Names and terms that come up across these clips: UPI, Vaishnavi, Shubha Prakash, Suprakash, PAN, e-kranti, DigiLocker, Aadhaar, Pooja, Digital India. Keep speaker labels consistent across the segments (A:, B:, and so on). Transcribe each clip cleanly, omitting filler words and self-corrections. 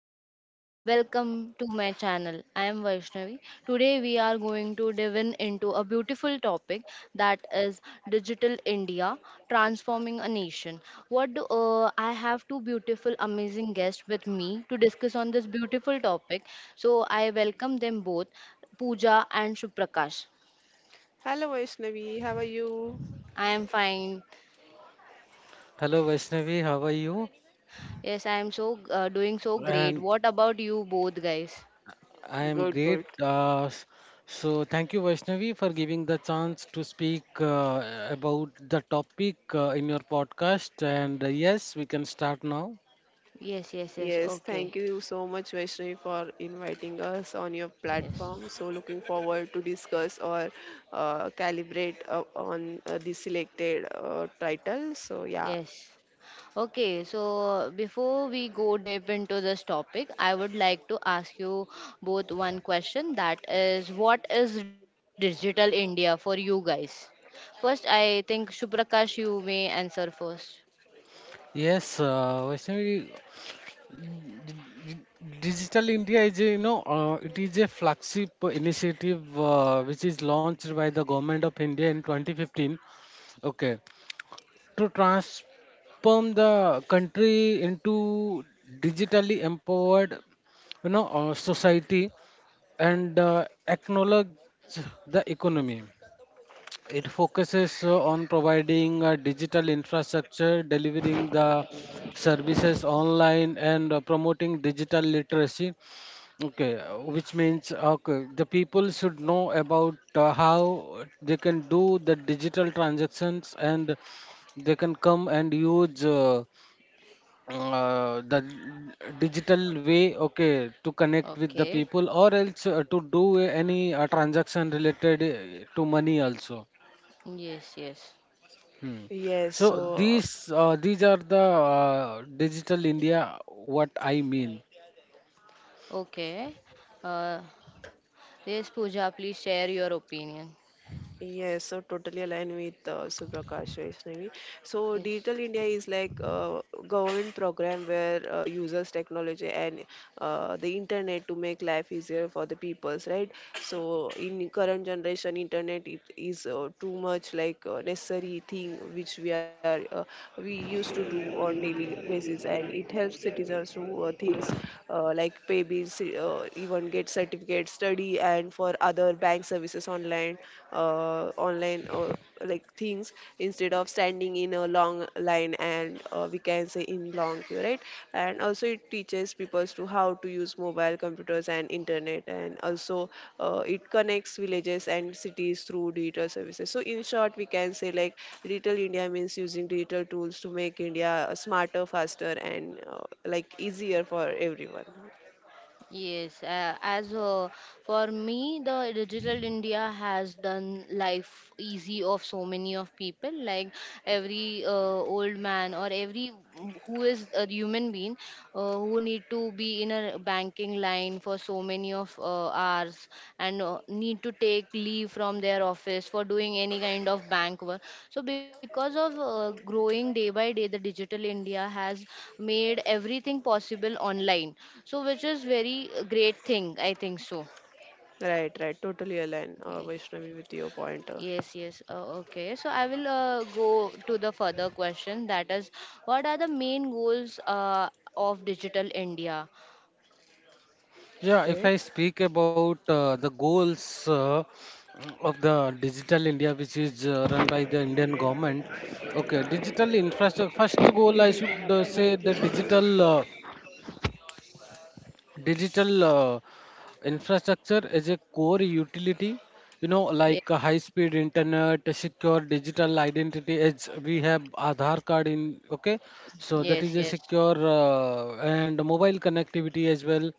A: everyone. Welcome to my channel. I am Vaishnavi. Today we are going to dive in into a beautiful topic that is digital India transforming a nation. I have two beautiful amazing guests with me to discuss on this beautiful topic. So I welcome them both, Pooja and Suprakash.
B: Hello Vaishnavi, how are you?
A: I am fine.
C: Hello Vaishnavi, how are you?
A: Yes, I am so doing so great.
C: And
A: What about you both guys?
C: I am
B: Good,
C: great.
B: good.
C: Uh, s- so thank you Vaishnavi for giving the chance to speak about the topic in your podcast. And yes, we can start now.
A: Yes, yes, yes.
B: Yes, thank
A: Okay.
B: you so much Vaishnavi for inviting us on your
A: Yes.
B: platform. So looking forward to discuss or calibrate on the selected title. So yeah,
A: Yes. Okay, so before we go deep into this topic, I would like to ask you both one question, that is, what is digital India for you guys? First, I think Shuprakash, you may answer first.
C: Yes, Vaishnavi, Digital India is a, you know it is a flagship initiative which is launched by the government of India in 2015. Okay, to transform the country into digitally empowered society and acknowledge the economy. It focuses on providing digital infrastructure, delivering the services online, and promoting digital literacy. Okay, which means okay, the people should know about how they can do the digital transactions, and they can come and use the digital way, okay, to connect with the
A: Okay,
C: people, or else to do any transaction related to money also.
A: yes, yes.
C: Hmm.
B: yes.
C: So
A: Uh,
B: So
C: these are the digital India what I mean.
A: Okay, uh, yes, Pooja, please share your opinion.
B: yes, so totally aligned with Suprakash Vaishnavi. So
A: Yes.
B: Digital India is like a government program where users technology and the internet to make life easier for the peoples, right? So in current generation, internet it is too much like necessary thing which we used to do on daily basis, and it helps citizens to things like pay bills, even get certificates, study OTP and for other bank services online, uh, online uh, like things instead of standing in a long line and we can say in long queue, right? And also it teaches people to how to use mobile computers and internet, and also it connects villages and cities through digital services. So in short, we can say like digital India means using digital tools to make India smarter, faster, and like easier for everyone.
A: Yes, as for me, the digital India has done life easy of so many of people. Like every old man or every who is a human being who need to be in a banking line for so many of hours and need to take leave from their office for doing any kind of bank work. So, because of growing day by day, the digital India has made everything possible online. So, which is very great thing, I think so.
B: Right, right. Totally align, Vaishnavi, with your pointer.
A: Yes, yes. Okay. So I will go to the further question. That is, what are the main goals of Digital India?
C: Yeah, if
B: Okay,
C: I speak about the goals of the Digital India, which is run by the Indian government, okay, digital infrastructure. First goal, I should say the digital infrastructure is a core utility. You know,
A: Yes,
C: like high-speed internet, a secure digital identity. As we have Aadhaar card in, okay, so that
A: yes,
C: is a
A: yes.
C: secure and mobile connectivity as well.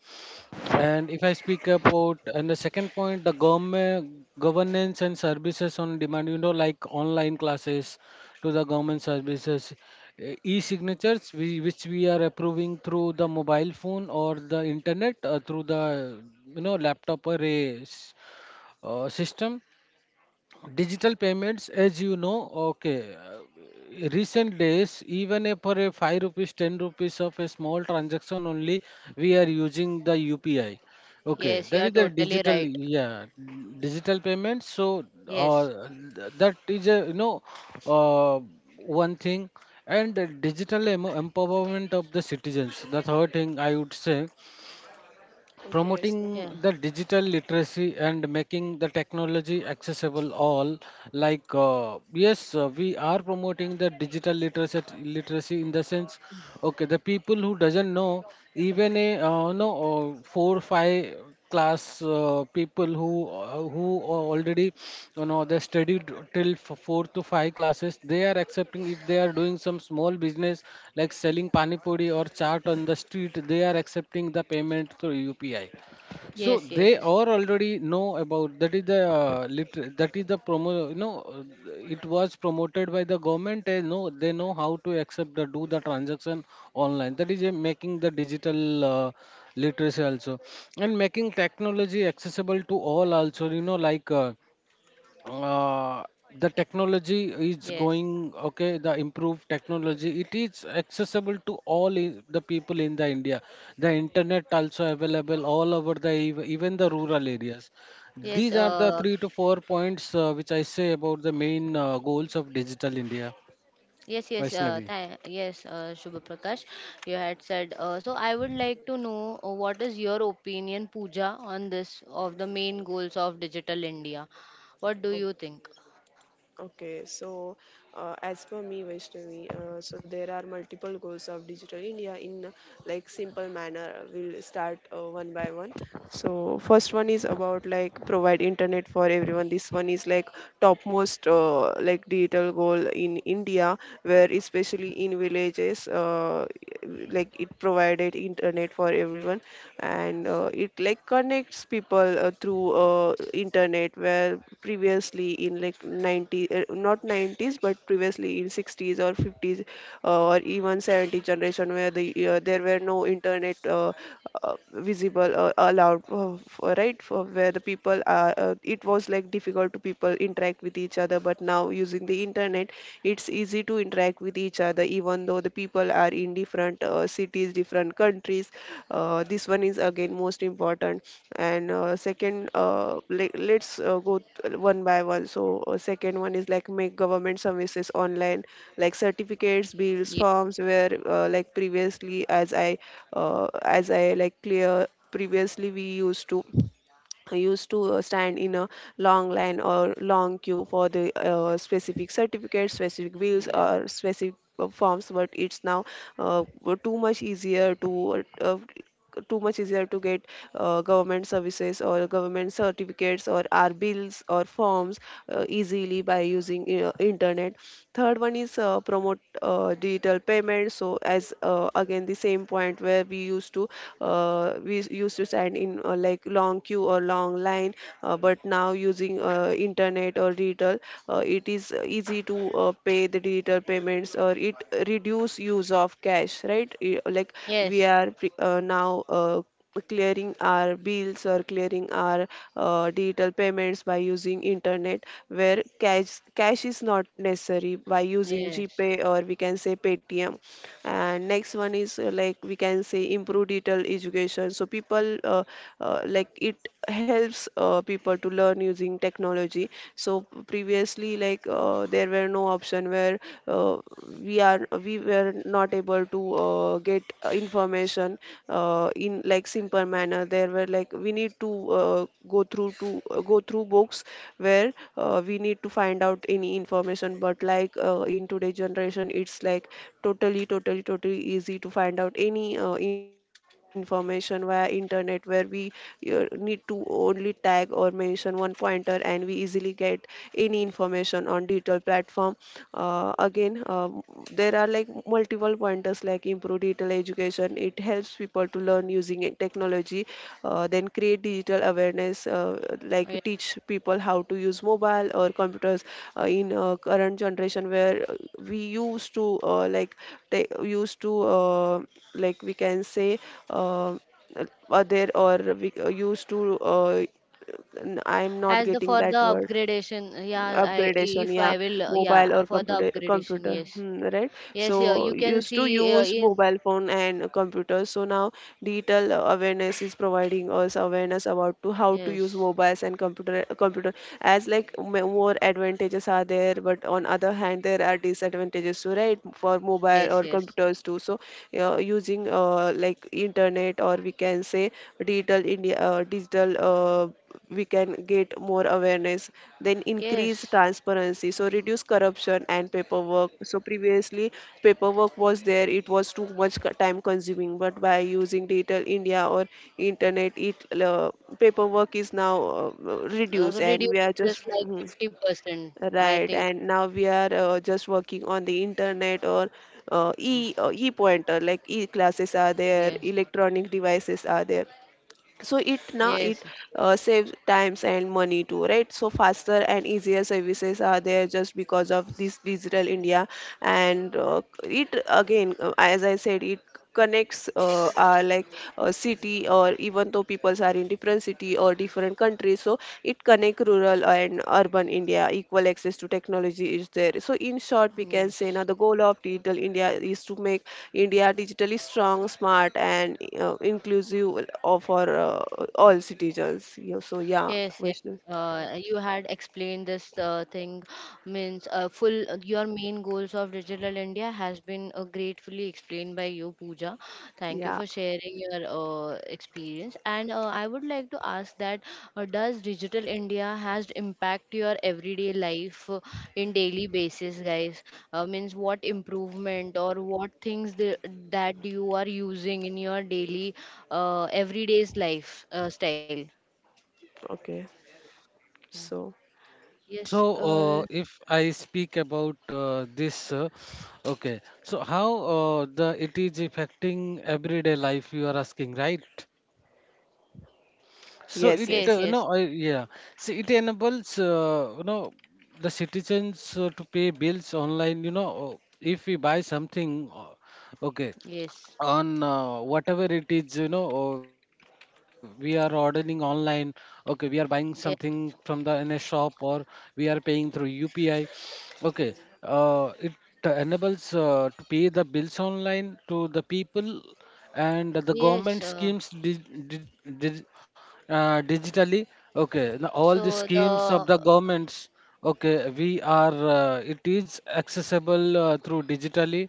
C: And if I speak about and the second point, the government governance and services on demand, you know, like online classes to the government services, e-signatures we, which we are approving through the mobile phone or the internet through the laptop or system. Digital payments, as you know, okay. Recent days, even if for a 5 rupees, 10 rupees of a small transaction only, we are using the UPI. Okay,
A: Yes, you
C: that is
A: are
C: the
A: totally
C: digital,
A: right.
C: yeah, digital payments. So
A: Yes.
C: uh, that is a uh, one thing, and digital empowerment of the citizens. The third thing I would say,
B: okay.
C: promoting
B: So,
A: Yeah.
C: the digital literacy and making the technology accessible all, like yes we are promoting the digital literacy in the sense okay, the people who doesn't know even a no 4 5 class people who already, you know, they studied till 4 to 5 classes. They are accepting, if they are doing some small business like selling pani puri or chaat on the street, they are accepting the payment through UPI. So
A: Yes,
C: they
A: yes, yes.
C: are already know about, that is the that is the promo, it was promoted by the government, and know they know how to accept, the do the transaction online. That is making the digital literacy also, and making technology accessible to all also, uh, the technology is
A: Yes,
C: going okay, the improved technology, it is accessible to all, the people in the India. The internet also available all over the even the rural areas.
A: yes,
C: These are the 3 to 4 points which I say about the main goals of digital India,
A: yes, yes,
C: Vaishnavi.
A: yes, Shubha Prakash, you had said. So I would like to know what is your opinion, Pooja, on this of the main goals of Digital India? What do
B: o-
A: you think?
B: okay, so as per me, Vaishnavi, so there are multiple goals of Digital India in like simple manner. We'll start one by one. So, first one is about like provide internet for everyone. This one is like topmost like digital goal in India, where especially in villages, like it provided internet for everyone and it like connects people through internet where previously in like 90 uh, not 90s but previously in 60s or 50s or even 70 generation where the there were no internet visible allowed for, right for where the people are it was like difficult to people interact with each other but now using the internet it's easy to interact with each other even though the people are in different cities different countries. This one is again most important, and second le- let's go th- one by one. So second one is like make government services online like certificates
A: Ye-
B: bills forms where like previously uh, as I like clear, previously we used to, I used to stand in a long line or long queue for the specific certificates, specific bills,
A: Yes,
B: or specific forms, but it's now uh, too much easier to uh, too much easier to get government services or government certificates or our bills or forms easily by using internet. Third one is promote digital payments. So as again the same point where we used to stand in like long queue or long line, but now using internet or digital, it is easy to pay the digital payments or it reduce use of cash, right?
A: yes,
B: Now clearing our bills or clearing our digital payments by using internet where cash is not necessary by using
A: yes.
B: gpay or we can say paytm. And next one is like we can say improve digital education. So people like it helps people to learn using technology. So previously like there were no option where uh, we were not able to get information in like simple manner. There were like we need to go through books where we need to find out any information, but like in today's generation it's like totally easy to find out any information via internet where we need to only tag or mention one pointer and we easily get any information on digital platform. Again There are like multiple pointers like improve digital education it helps people to learn using technology. Then create digital awareness, like
A: Yes.
B: teach people how to use mobile or computers in current generation where we used to like ta- used to like we can say uh, other or we used to n- I'm
A: As
B: not
A: the for
B: getting
A: the
B: that word.
A: upgradation, yeah, I
B: Upgradation,
A: if I
B: yeah,
A: will,
B: mobile
A: yeah,
B: or
A: for the
B: computer
A: upgradation,
B: computer
A: yes,
B: hmm, right.
A: yes,
B: So
A: yeah, you can
B: used to
A: see
B: use
A: in
B: mobile phone and computers, so now digital awareness is providing us awareness about to how to use
A: yes,
B: mobiles and computer, as like more advantages are there but on other hand there are disadvantages too, right, for mobile
A: yes,
B: or
A: yes,
B: computers too. So using like internet or we can say digital India, digital we can get more awareness. Then increase
A: yes.
B: transparency, so reduce corruption and paperwork. So previously paperwork was there, it was time consuming, but by using digital India or internet it paperwork is now reduced and we are
A: Reduces
B: just.
A: like
B: Mhm.
A: 50%, I
B: Right,
A: think.
B: and now we are just working on the internet or e pointer, like e classes are there,
A: Yes.
B: electronic devices are there, so it, now
A: Yes.
B: it saves times and money too, right? So faster and easier services are there just because of this digital India. And it again as I said it connects our like city or even though people are in different city or different countries, so it connect rural and urban India, equal access to technology is there. So in short we can say now
A: Yes.
B: the goal of digital India is to make India digitally strong, smart, and inclusive of for all citizens. Yeah, so yeah,
A: Yes, yes.
B: Vaishnav.
A: You had explained this thing means full your main goals of digital India has been gratefully explained by you, Pooja. Thank you
B: Yeah,
A: for sharing your experience. And I would like to ask that does digital India has impact your everyday life in daily basis, guys? Means what improvement or what things that you are using in your daily everyday's life style?
B: okay, so
A: Yes,
C: so if I speak about this okay, so how the it is affecting everyday life, you are asking, right? So
B: yes,
C: it
A: yes,
B: yes,
A: yes,
C: no I yeah. See, it enables the citizens to pay bills online. You know, if we buy something, okay,
A: yes,
C: on whatever it is, we are ordering online, okay, we are buying something
A: yes,
C: from the in a shop, or we are paying through UPI, okay, it enables to pay the bills online to the people. And the
A: yes.
C: government schemes dig- digitally, okay, now all the
A: So
C: schemes of
A: the
C: the governments, okay, we are it is accessible through digitally.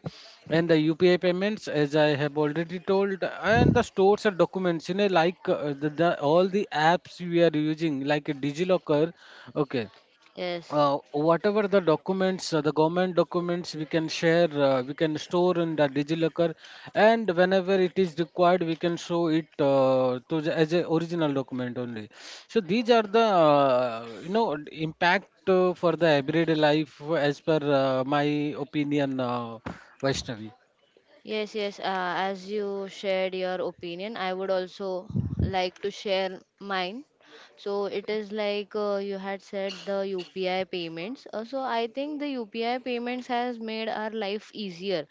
C: And the UPI payments, as I have already told, and the stores and documents, you know, like the all the apps we are using, like a DigiLocker, okay.
A: Yes,
C: Whatever the documents, the government documents, we can share, we can store in the DigiLocker, and whenever it is required, we can show it as a original document only. So these are the impact for the everyday life as per my opinion, Vaishnavi.
A: yes, yes. As you shared your opinion, I would also like to share mine. So it is like you had said the UPI payments. So I think the UPI payments has made our life easier.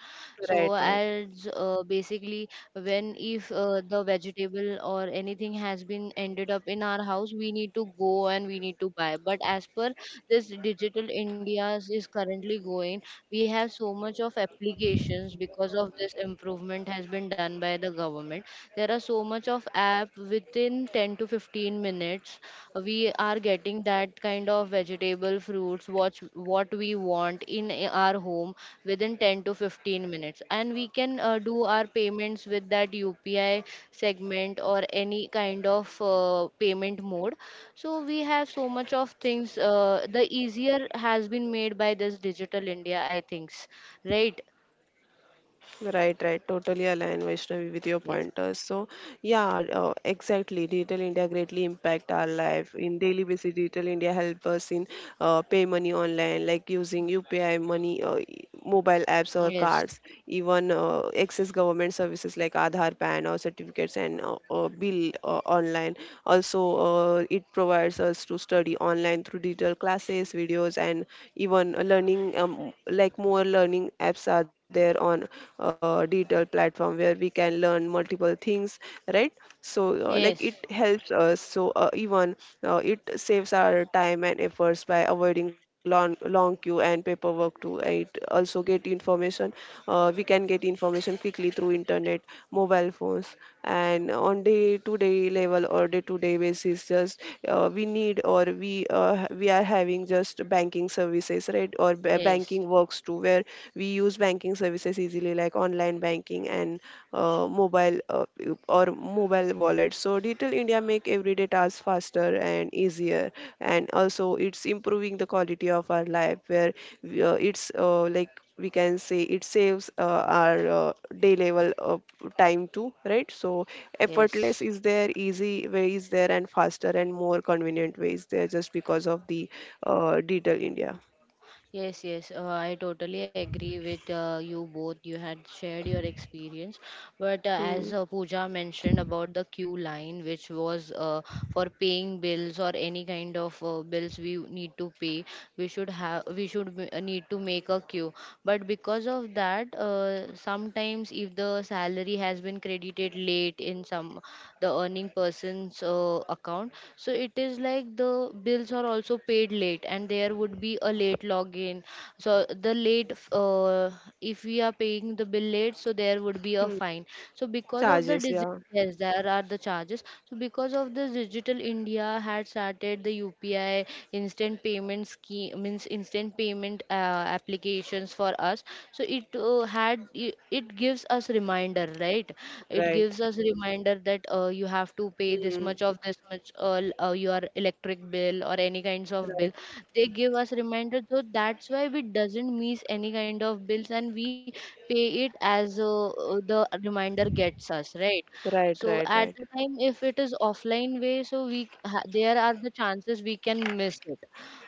B: right,
A: So
B: right.
A: as basically, when if the vegetable or anything has been ended up in our house, we need to go and we need to buy. But as per this, digital India is currently going, we have so much of applications. Because of this, improvement has been done by the government. There are so much of app within 10 to 15 minutes. We are getting that kind of vegetable, fruits, what we want in our home within 10 to 15 minutes, and we can do our payments with that UPI segment or any kind of payment mode. So we have so much of things. The easier has been made by this digital India, I think, right?
B: Right, right. Totally align Vaishnavi with your
A: Yes,
B: pointers. So yeah, exactly. Digital India greatly impact our life in daily basis. Digital India help us in pay money online, like using UPI money, mobile apps or
A: yes,
B: cards, even access government services like Aadhaar, PAN or certificates and bill online. Also, it provides us to study online through digital classes, videos, and even learning, like more learning apps are there on digital platform where we can learn multiple things, right? So, like it
A: yes,
B: helps us. So, even it saves our time and efforts by avoiding long queue and paperwork too. It also get information. We can get information quickly through internet, mobile phones, and on day-to-day level or day-to-day basis. Just we need or we ha- we are having just banking services, right? Or
A: yes,
B: banking works too, where we use banking services easily, like online banking and uh, mobile uh, mobile wallet. So Digital India make everyday tasks faster and easier, and also it's improving the quality of our life. Where we- it's like we can say it saves our day level of time too, right? So effortless
A: yes.
B: is there, easy way is there, and faster and more convenient way is there just because of the Digital India.
A: Yes, yes, I totally agree with you both. You had shared your experience, but
B: Hmm.
A: as Pooja mentioned about the queue line, which was for paying bills or any kind of bills we need to pay, we should have, we should need to make a queue. But because of that, sometimes if the salary has been credited late in some, the earning person's account, so it is like the bills are also paid late, and there would be a late login. So the if we are paying the bill late, so there would be
B: Hmm.
A: a fine. So because of the
B: Charges,
A: digital,
B: yeah,
A: yes, there are the charges. So, because of this, Digital India had started the UPI instant payment scheme, means instant payment applications for us. So it had it it gives us reminder, right? It
B: right.
A: gives us reminder that you have to pay this
B: Hmm.
A: much of this much your electric bill or any kinds of bill.
B: Right,
A: They give us reminder, so that's why we doesn't miss any kind of bills, and we pay it as the reminder gets us, right.
B: right,
A: So
B: right,
A: at
B: right.
A: the time if it is offline way, so there are the chances we can miss it.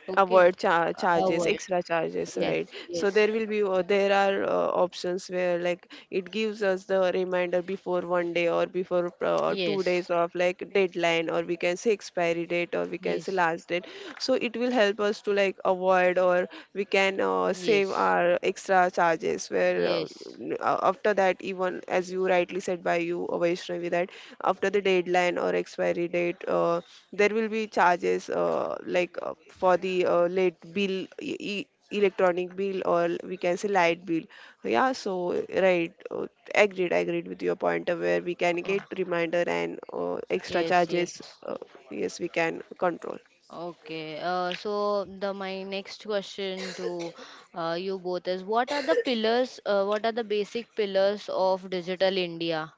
A: Okay.
B: Avoid
A: our
B: charges, extra charges,
A: Yes,
B: right? So
A: yes,
B: there will be there are options where like it gives us the reminder before 1 day or before two
A: yes,
B: days of like deadline or we can say expiry date or we can say
A: yes,
B: last date. So it will help us to like avoid or we can save
A: yes,
B: our extra charges where
A: yes.
B: after that even as you rightly said by you, Vaishnavi, that after the deadline or expiry date, there will be charges like for the late bill, e- e- electronic bill, or we can say light bill. Yeah, so right, agreed, agreed with your point of where we can
A: Oh,
B: get reminder and extra
A: yes, yes.
B: charges. Yes, we can control.
A: Okay. So the my next question to you both is: what are the pillars? What are the basic pillars of digital India?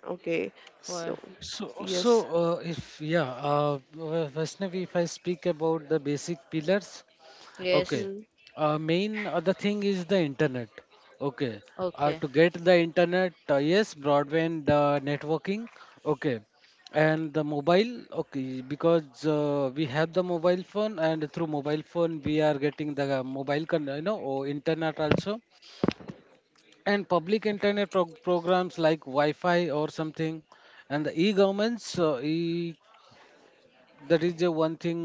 B: Okay,
A: For
B: so
C: So, so
B: yes.
C: if yeah, Vaishnavi, if I speak about the basic pillars,
A: Yes.
C: okay.
B: Hmm.
C: Main other thing is the internet. Okay.
A: Okay.
C: To get the internet, yes, broadband networking. Okay. And the mobile, okay, because we have the mobile phone, and through mobile phone we are getting the mobile, or internet also, and public internet programs like Wi-Fi or something, and the e-governments. That is the one thing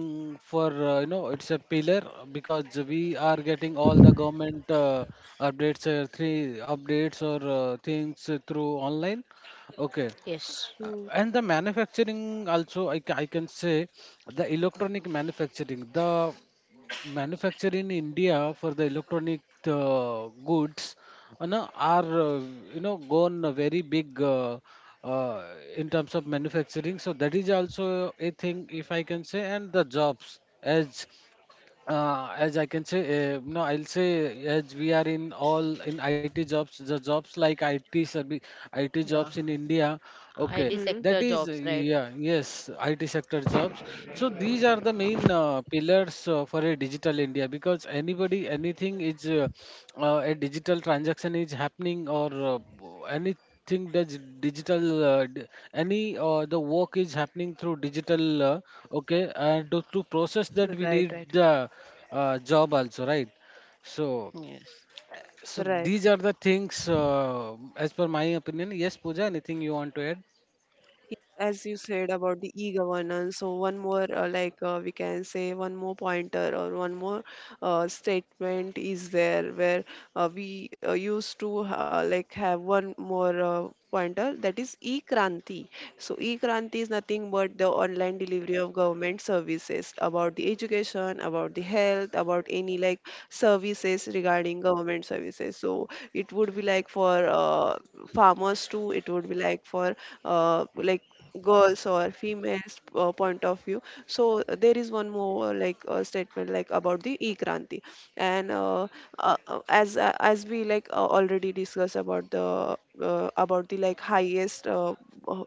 C: for it's a pillar, because we are getting all the government updates, three updates or things through online. Okay,
A: Yes.
B: Hmm.
C: and the manufacturing also, I can say the electronic manufacturing, the manufacture in India for the electronic goods no, are gone a very big uh, in terms of manufacturing. So that is also a thing, if I can say. And the jobs, as I can say, no, I'll say, as we are in all in IT jobs, the jobs like IT service, IT jobs
A: Yeah.
C: in India. Okay,
A: IT
B: Hmm.
C: that
A: sector
C: is
A: jobs, right?
C: yeah, yes, IT sector jobs. So these are the main pillars for a digital India, because anybody, anything is a digital transaction is happening, or uh, anything that's digital, uh, d- any the work is happening through digital, uh, okay.
B: Right,
C: And
B: right,
C: to process that, we need the job also, right? So
A: Yes.
B: right.
C: so these are the things as per my opinion. Yes, Pooja, anything you want to add?
B: As you said about the e-governance, so one more we can say one more pointer or one more statement is there where we used to have one more pointer, that is e-kranti. So e-kranti is nothing but the online delivery of government services, about the education, about the health, about any like services regarding government services. So it would be like for farmers too, it would be like for uh, like girls or females point of view. So there is one more statement like about the e-kranti. And uh, uh, uh, as uh, as we already discussed about the like highest uh,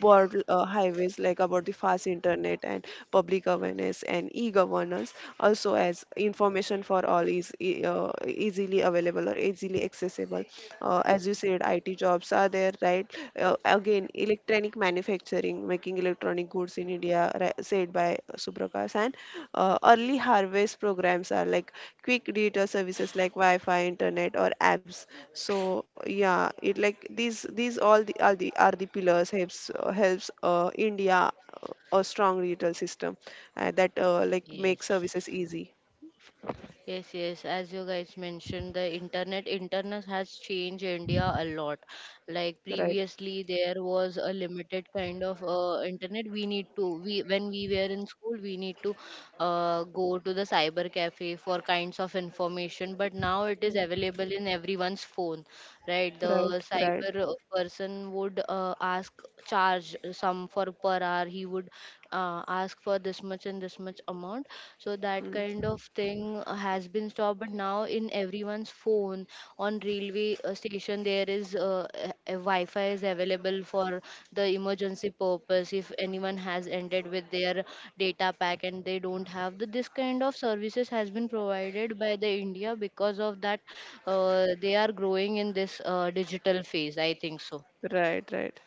B: broad highways, like about the fast internet and public awareness and e-governance, also as information for all is easily available or easily accessible. As you said, IT jobs are there, right? Again, electronic manufacturing, making electronic goods in India, right, said by Suprakash. And early harvest programs are like quick digital services like Wi-Fi, internet, or apps. So yeah, it like these all the are the pillars, helps India a strong digital system that
A: Yes.
B: makes services easy.
A: Yes, yes. As you guys mentioned, the internet has changed India a lot. Like
B: Right,
A: previously, there was a limited kind of internet. We need to we When we were in school, we need to go to the cyber cafe for kinds of information. But now it is available in everyone's phone, right? The
B: right, right,
A: cyber person would ask, charge some for per hour. He would ask for this much and this much amount, so that
B: mm,
A: kind of thing has been stopped. But now in everyone's phone, on railway station, there is a wi-fi is available for the emergency purpose, if anyone has ended with their data pack and they don't have the, this kind of services has been provided by the India. Because of that, they are growing in this digital phase, I think so.
B: right, right.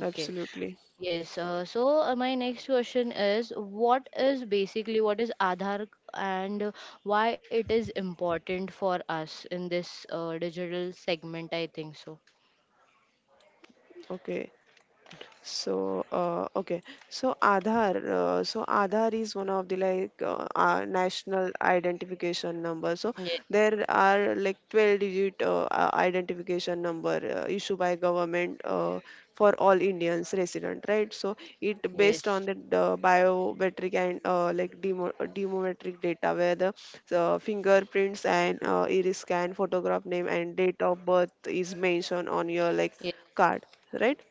A: Okay. Yes, so my next question is: what is Aadhaar, and why it is important for us in this digital segment, I think so.
B: Okay. So so Aadhaar, so Aadhaar is one of the national identification number. So
A: Yes,
B: there are like 12 digit identification number issued by government for all Indians resident, right? So it based
A: yes,
B: on the biometric and demometric data where the fingerprints and iris scan, photograph, name and date of birth is mentioned on your like card, right?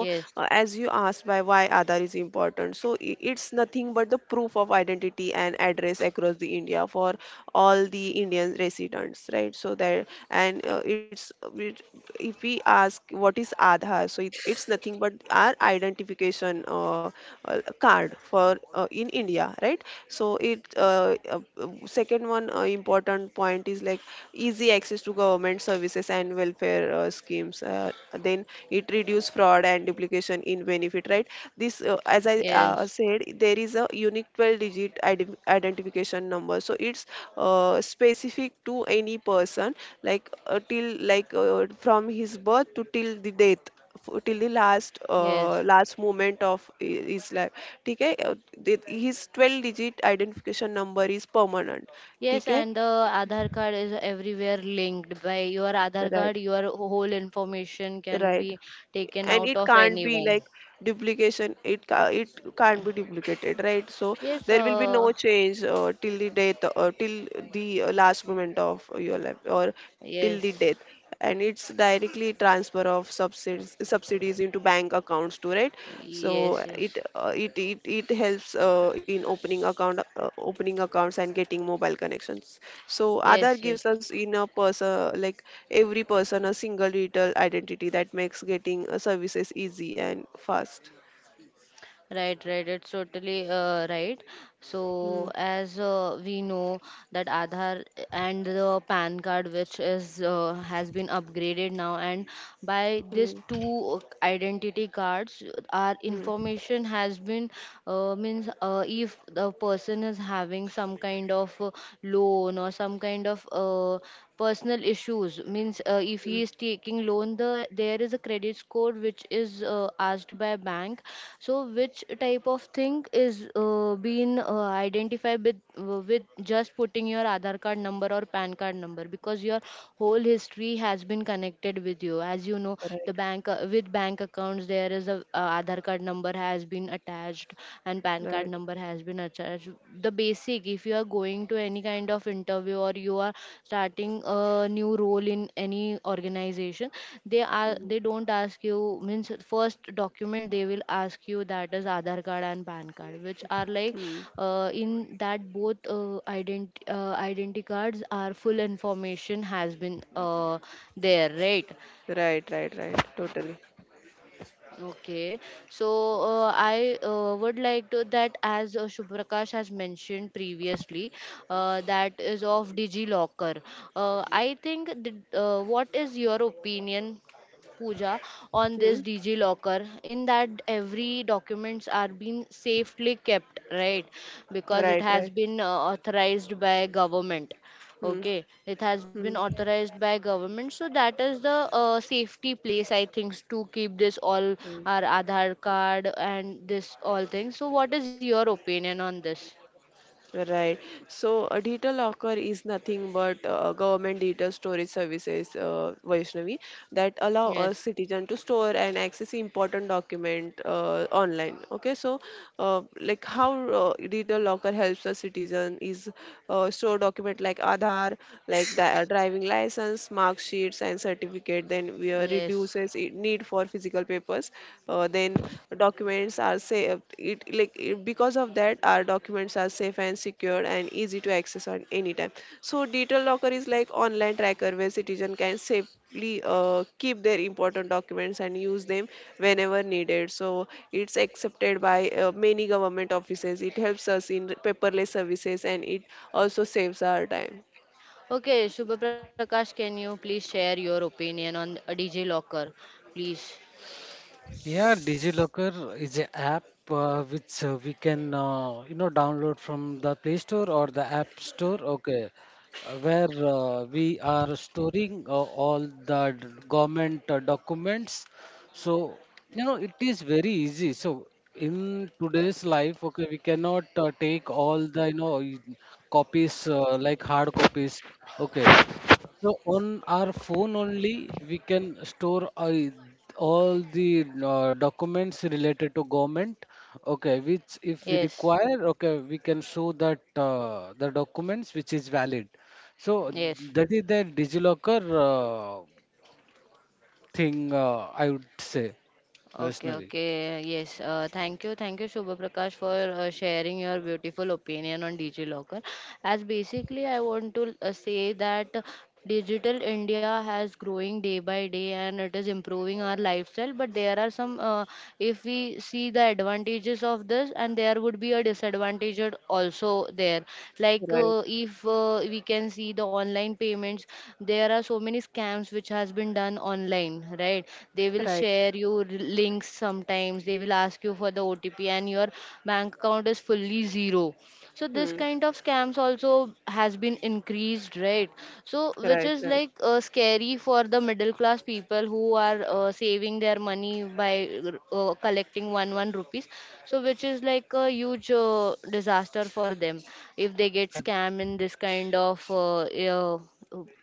A: yes, yes,
B: as you asked by why Aadhaar is important, so it's nothing but the proof of identity and address across the India for all the Indian residents, right? So there. And it's, if we ask what is Aadhaar, so it's nothing but our identification card for in India, right. So it second one important point is like easy access to government services and welfare schemes. Then it reduce fraud and duplication in benefit, right? This, as I
A: yes,
B: said, there is a unique 12-digit identification number, so it's specific to any person, like till like from his birth to till the death. Till the last
A: yes.
B: last moment of his life. ठीक है अ, दे- his 12 digit identification number is permanent.
A: Yes,
B: ठीक है,
A: and the Aadhaar card is everywhere linked. By your Aadhaar card,
B: right,
A: your whole information can
B: right.
A: be taken
B: And
A: out
B: it
A: of
B: can't be
A: anyone.
B: like duplication, it can't be duplicated, right? So
A: Yes,
B: there will be no change till the death or till the last moment of your life or till the death.
A: yes,
B: And it's directly transfer of subsidies into bank accounts too, right? So
A: yes, yes,
B: it helps in opening accounts and getting mobile connections. So
A: yes,
B: Aadhaar
A: yes.
B: gives us in a person like every person a single digital identity that makes getting services easy and fast.
A: Right, right. It's totally right.
B: Hmm.
A: So, as we know, that Aadhaar and the PAN card, which is has been upgraded now, and by these
B: Hmm.
A: two identity cards, our
B: Hmm.
A: information has been means if the person is having some kind of loan or some kind of personal issues means if
B: Hmm.
A: he is taking loan, there is a credit score which is asked by bank. So which type of thing is being identified with with just putting your aadhar card number or pan card number, because your whole history has been connected with you. As you know,
B: Right.
A: the bank with bank accounts, there is a aadhar card number has been attached, and pan card
B: Right.
A: number has been attached. The basic, if you are going to any kind of interview or you are starting a new role in any organization, they are
B: Hmm.
A: they don't ask you, means first document they will ask you that is aadhar card and pan card, which are like
B: Hmm.
A: in that, both identity cards are full information has been uh, there, right?
B: Right. Right. Right. Totally.
A: Okay, so I would like to that as Shubhrakash has mentioned previously, that is of DigiLocker. I think what is your opinion, Pooja, on
B: Hmm.
A: this DigiLocker? In that every documents are being safely kept, right? Because it
B: Right.
A: has
B: Right.
A: been authorized by government.
B: Hmm.
A: Okay, it has been
B: Hmm.
A: authorized by government, so that is the safety place, I think, to keep this all
B: Hmm.
A: our Aadhaar card and this all things. So, what is your opinion on this?
B: Right. So a digital locker is nothing but government digital storage services, Vaishnavi, that allow us
A: Yes,
B: citizen to store and access important document online. Okay. So, like how digital locker helps a citizen is store document like Aadhaar, like the driving license, mark sheets, and certificate. Then we
A: yes.
B: reduces need for physical legal papers then documents are safe, because of that our documents are safe and secured and easy to access on any time. So digital locker is like online tracker where citizen can safely keep their important documents and use them whenever needed. So it's accepted by many government offices, it helps us in paperless services and it also saves our time.
A: Okay, Shubha Prakash, can you please share your opinion on a DJ Locker, please?
C: Yeah, DigiLocker is an app which we can download from the Play Store or the App Store. Okay, where we are storing all the government documents. So you know, it is very easy. So in today's life, okay, we cannot take all the copies like hard copies. Okay, so on our phone only, we can store all the documents related to government. Okay, which if we
A: Yes,
C: require, okay, we can show that the documents which is valid. So
A: yes.
C: that is the DigiLocker thing, I would say,
A: Okay,
C: Vaishnavi.
A: okay. Yes. Thank you. Thank you, Shubha Prakash, for sharing your beautiful opinion on DigiLocker. As basically, I want to say that digital India has growing day by day and it is improving our lifestyle. But there are some, if we see the advantages of this, and there would be a disadvantage also there, like
B: Right,
A: if we can see the online payments, there are so many scams which has been done online, right? They will
B: right,
A: share you links. Sometimes they will ask you for the otp, and your bank account is fully zero. So this
B: hmm,
A: kind of scams also has been increased, right? So which
B: right,
A: is
B: right,
A: like scary for the middle class people who are saving their money by collecting one one rupees. So which is like a huge disaster for them, if they get
C: Uh,
A: scam in this kind of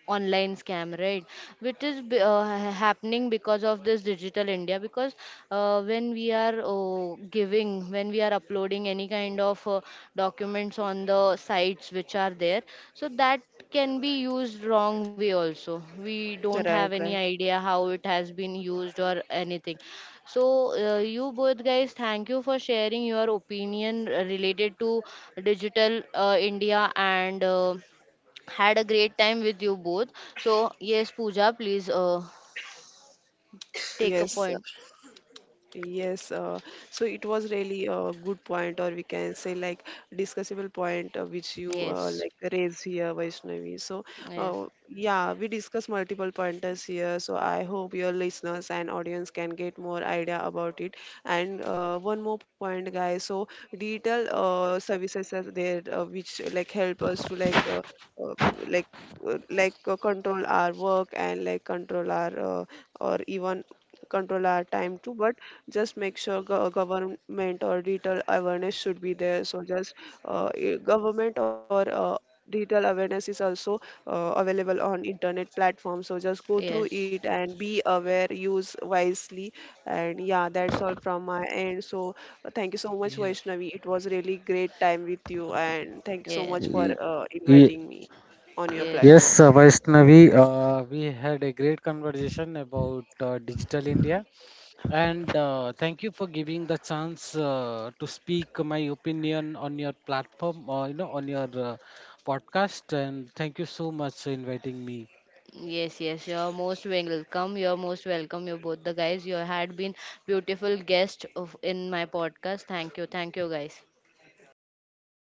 A: online scam, right? Which is happening because of this digital India. Because when we are giving when we are uploading any kind of documents on the sites which are there, so that can be used wrong way also. We don't have
B: right,
A: any
B: right.
A: idea how it has been used or anything. So you both guys, thank you for sharing your opinion related to digital India, and had a great time with you both. So, yes, Pooja, please take a
B: Yes.
A: point.
B: Yes, so it was really a good point, or we can say like discussable point which you
A: Yes,
B: raised here, Vaishnavi. So,
A: yes,
B: yeah, we discussed multiple pointers here. So I hope your listeners and audience can get more idea about it. And one more point, guys. So digital services are there which like help us to uh, like like control our work and like control our or even control our time too, but just make sure government or digital awareness should be there. So just government or digital awareness is also available on internet platform, so just go through
A: yes,
B: it and be aware, use wisely. And yeah, that's all from my end. So thank you so much,
C: yeah.
B: Vaishnavi, it was really great time with you and thank you so much for
A: yes,
C: Y- y-
B: inviting me on your
A: yes,
B: platform.
C: Yes,
A: yes.
C: Vaishnavi, we had a great conversation about Digital India. And thank you for giving the chance to speak my opinion on your platform, or you know, on your podcast. And thank you so much for inviting me.
A: Yes, yes, you're most welcome. You're most welcome. You both the guys. You had been beautiful guests of in my podcast. Thank you. Thank you guys.
B: Thank you so much.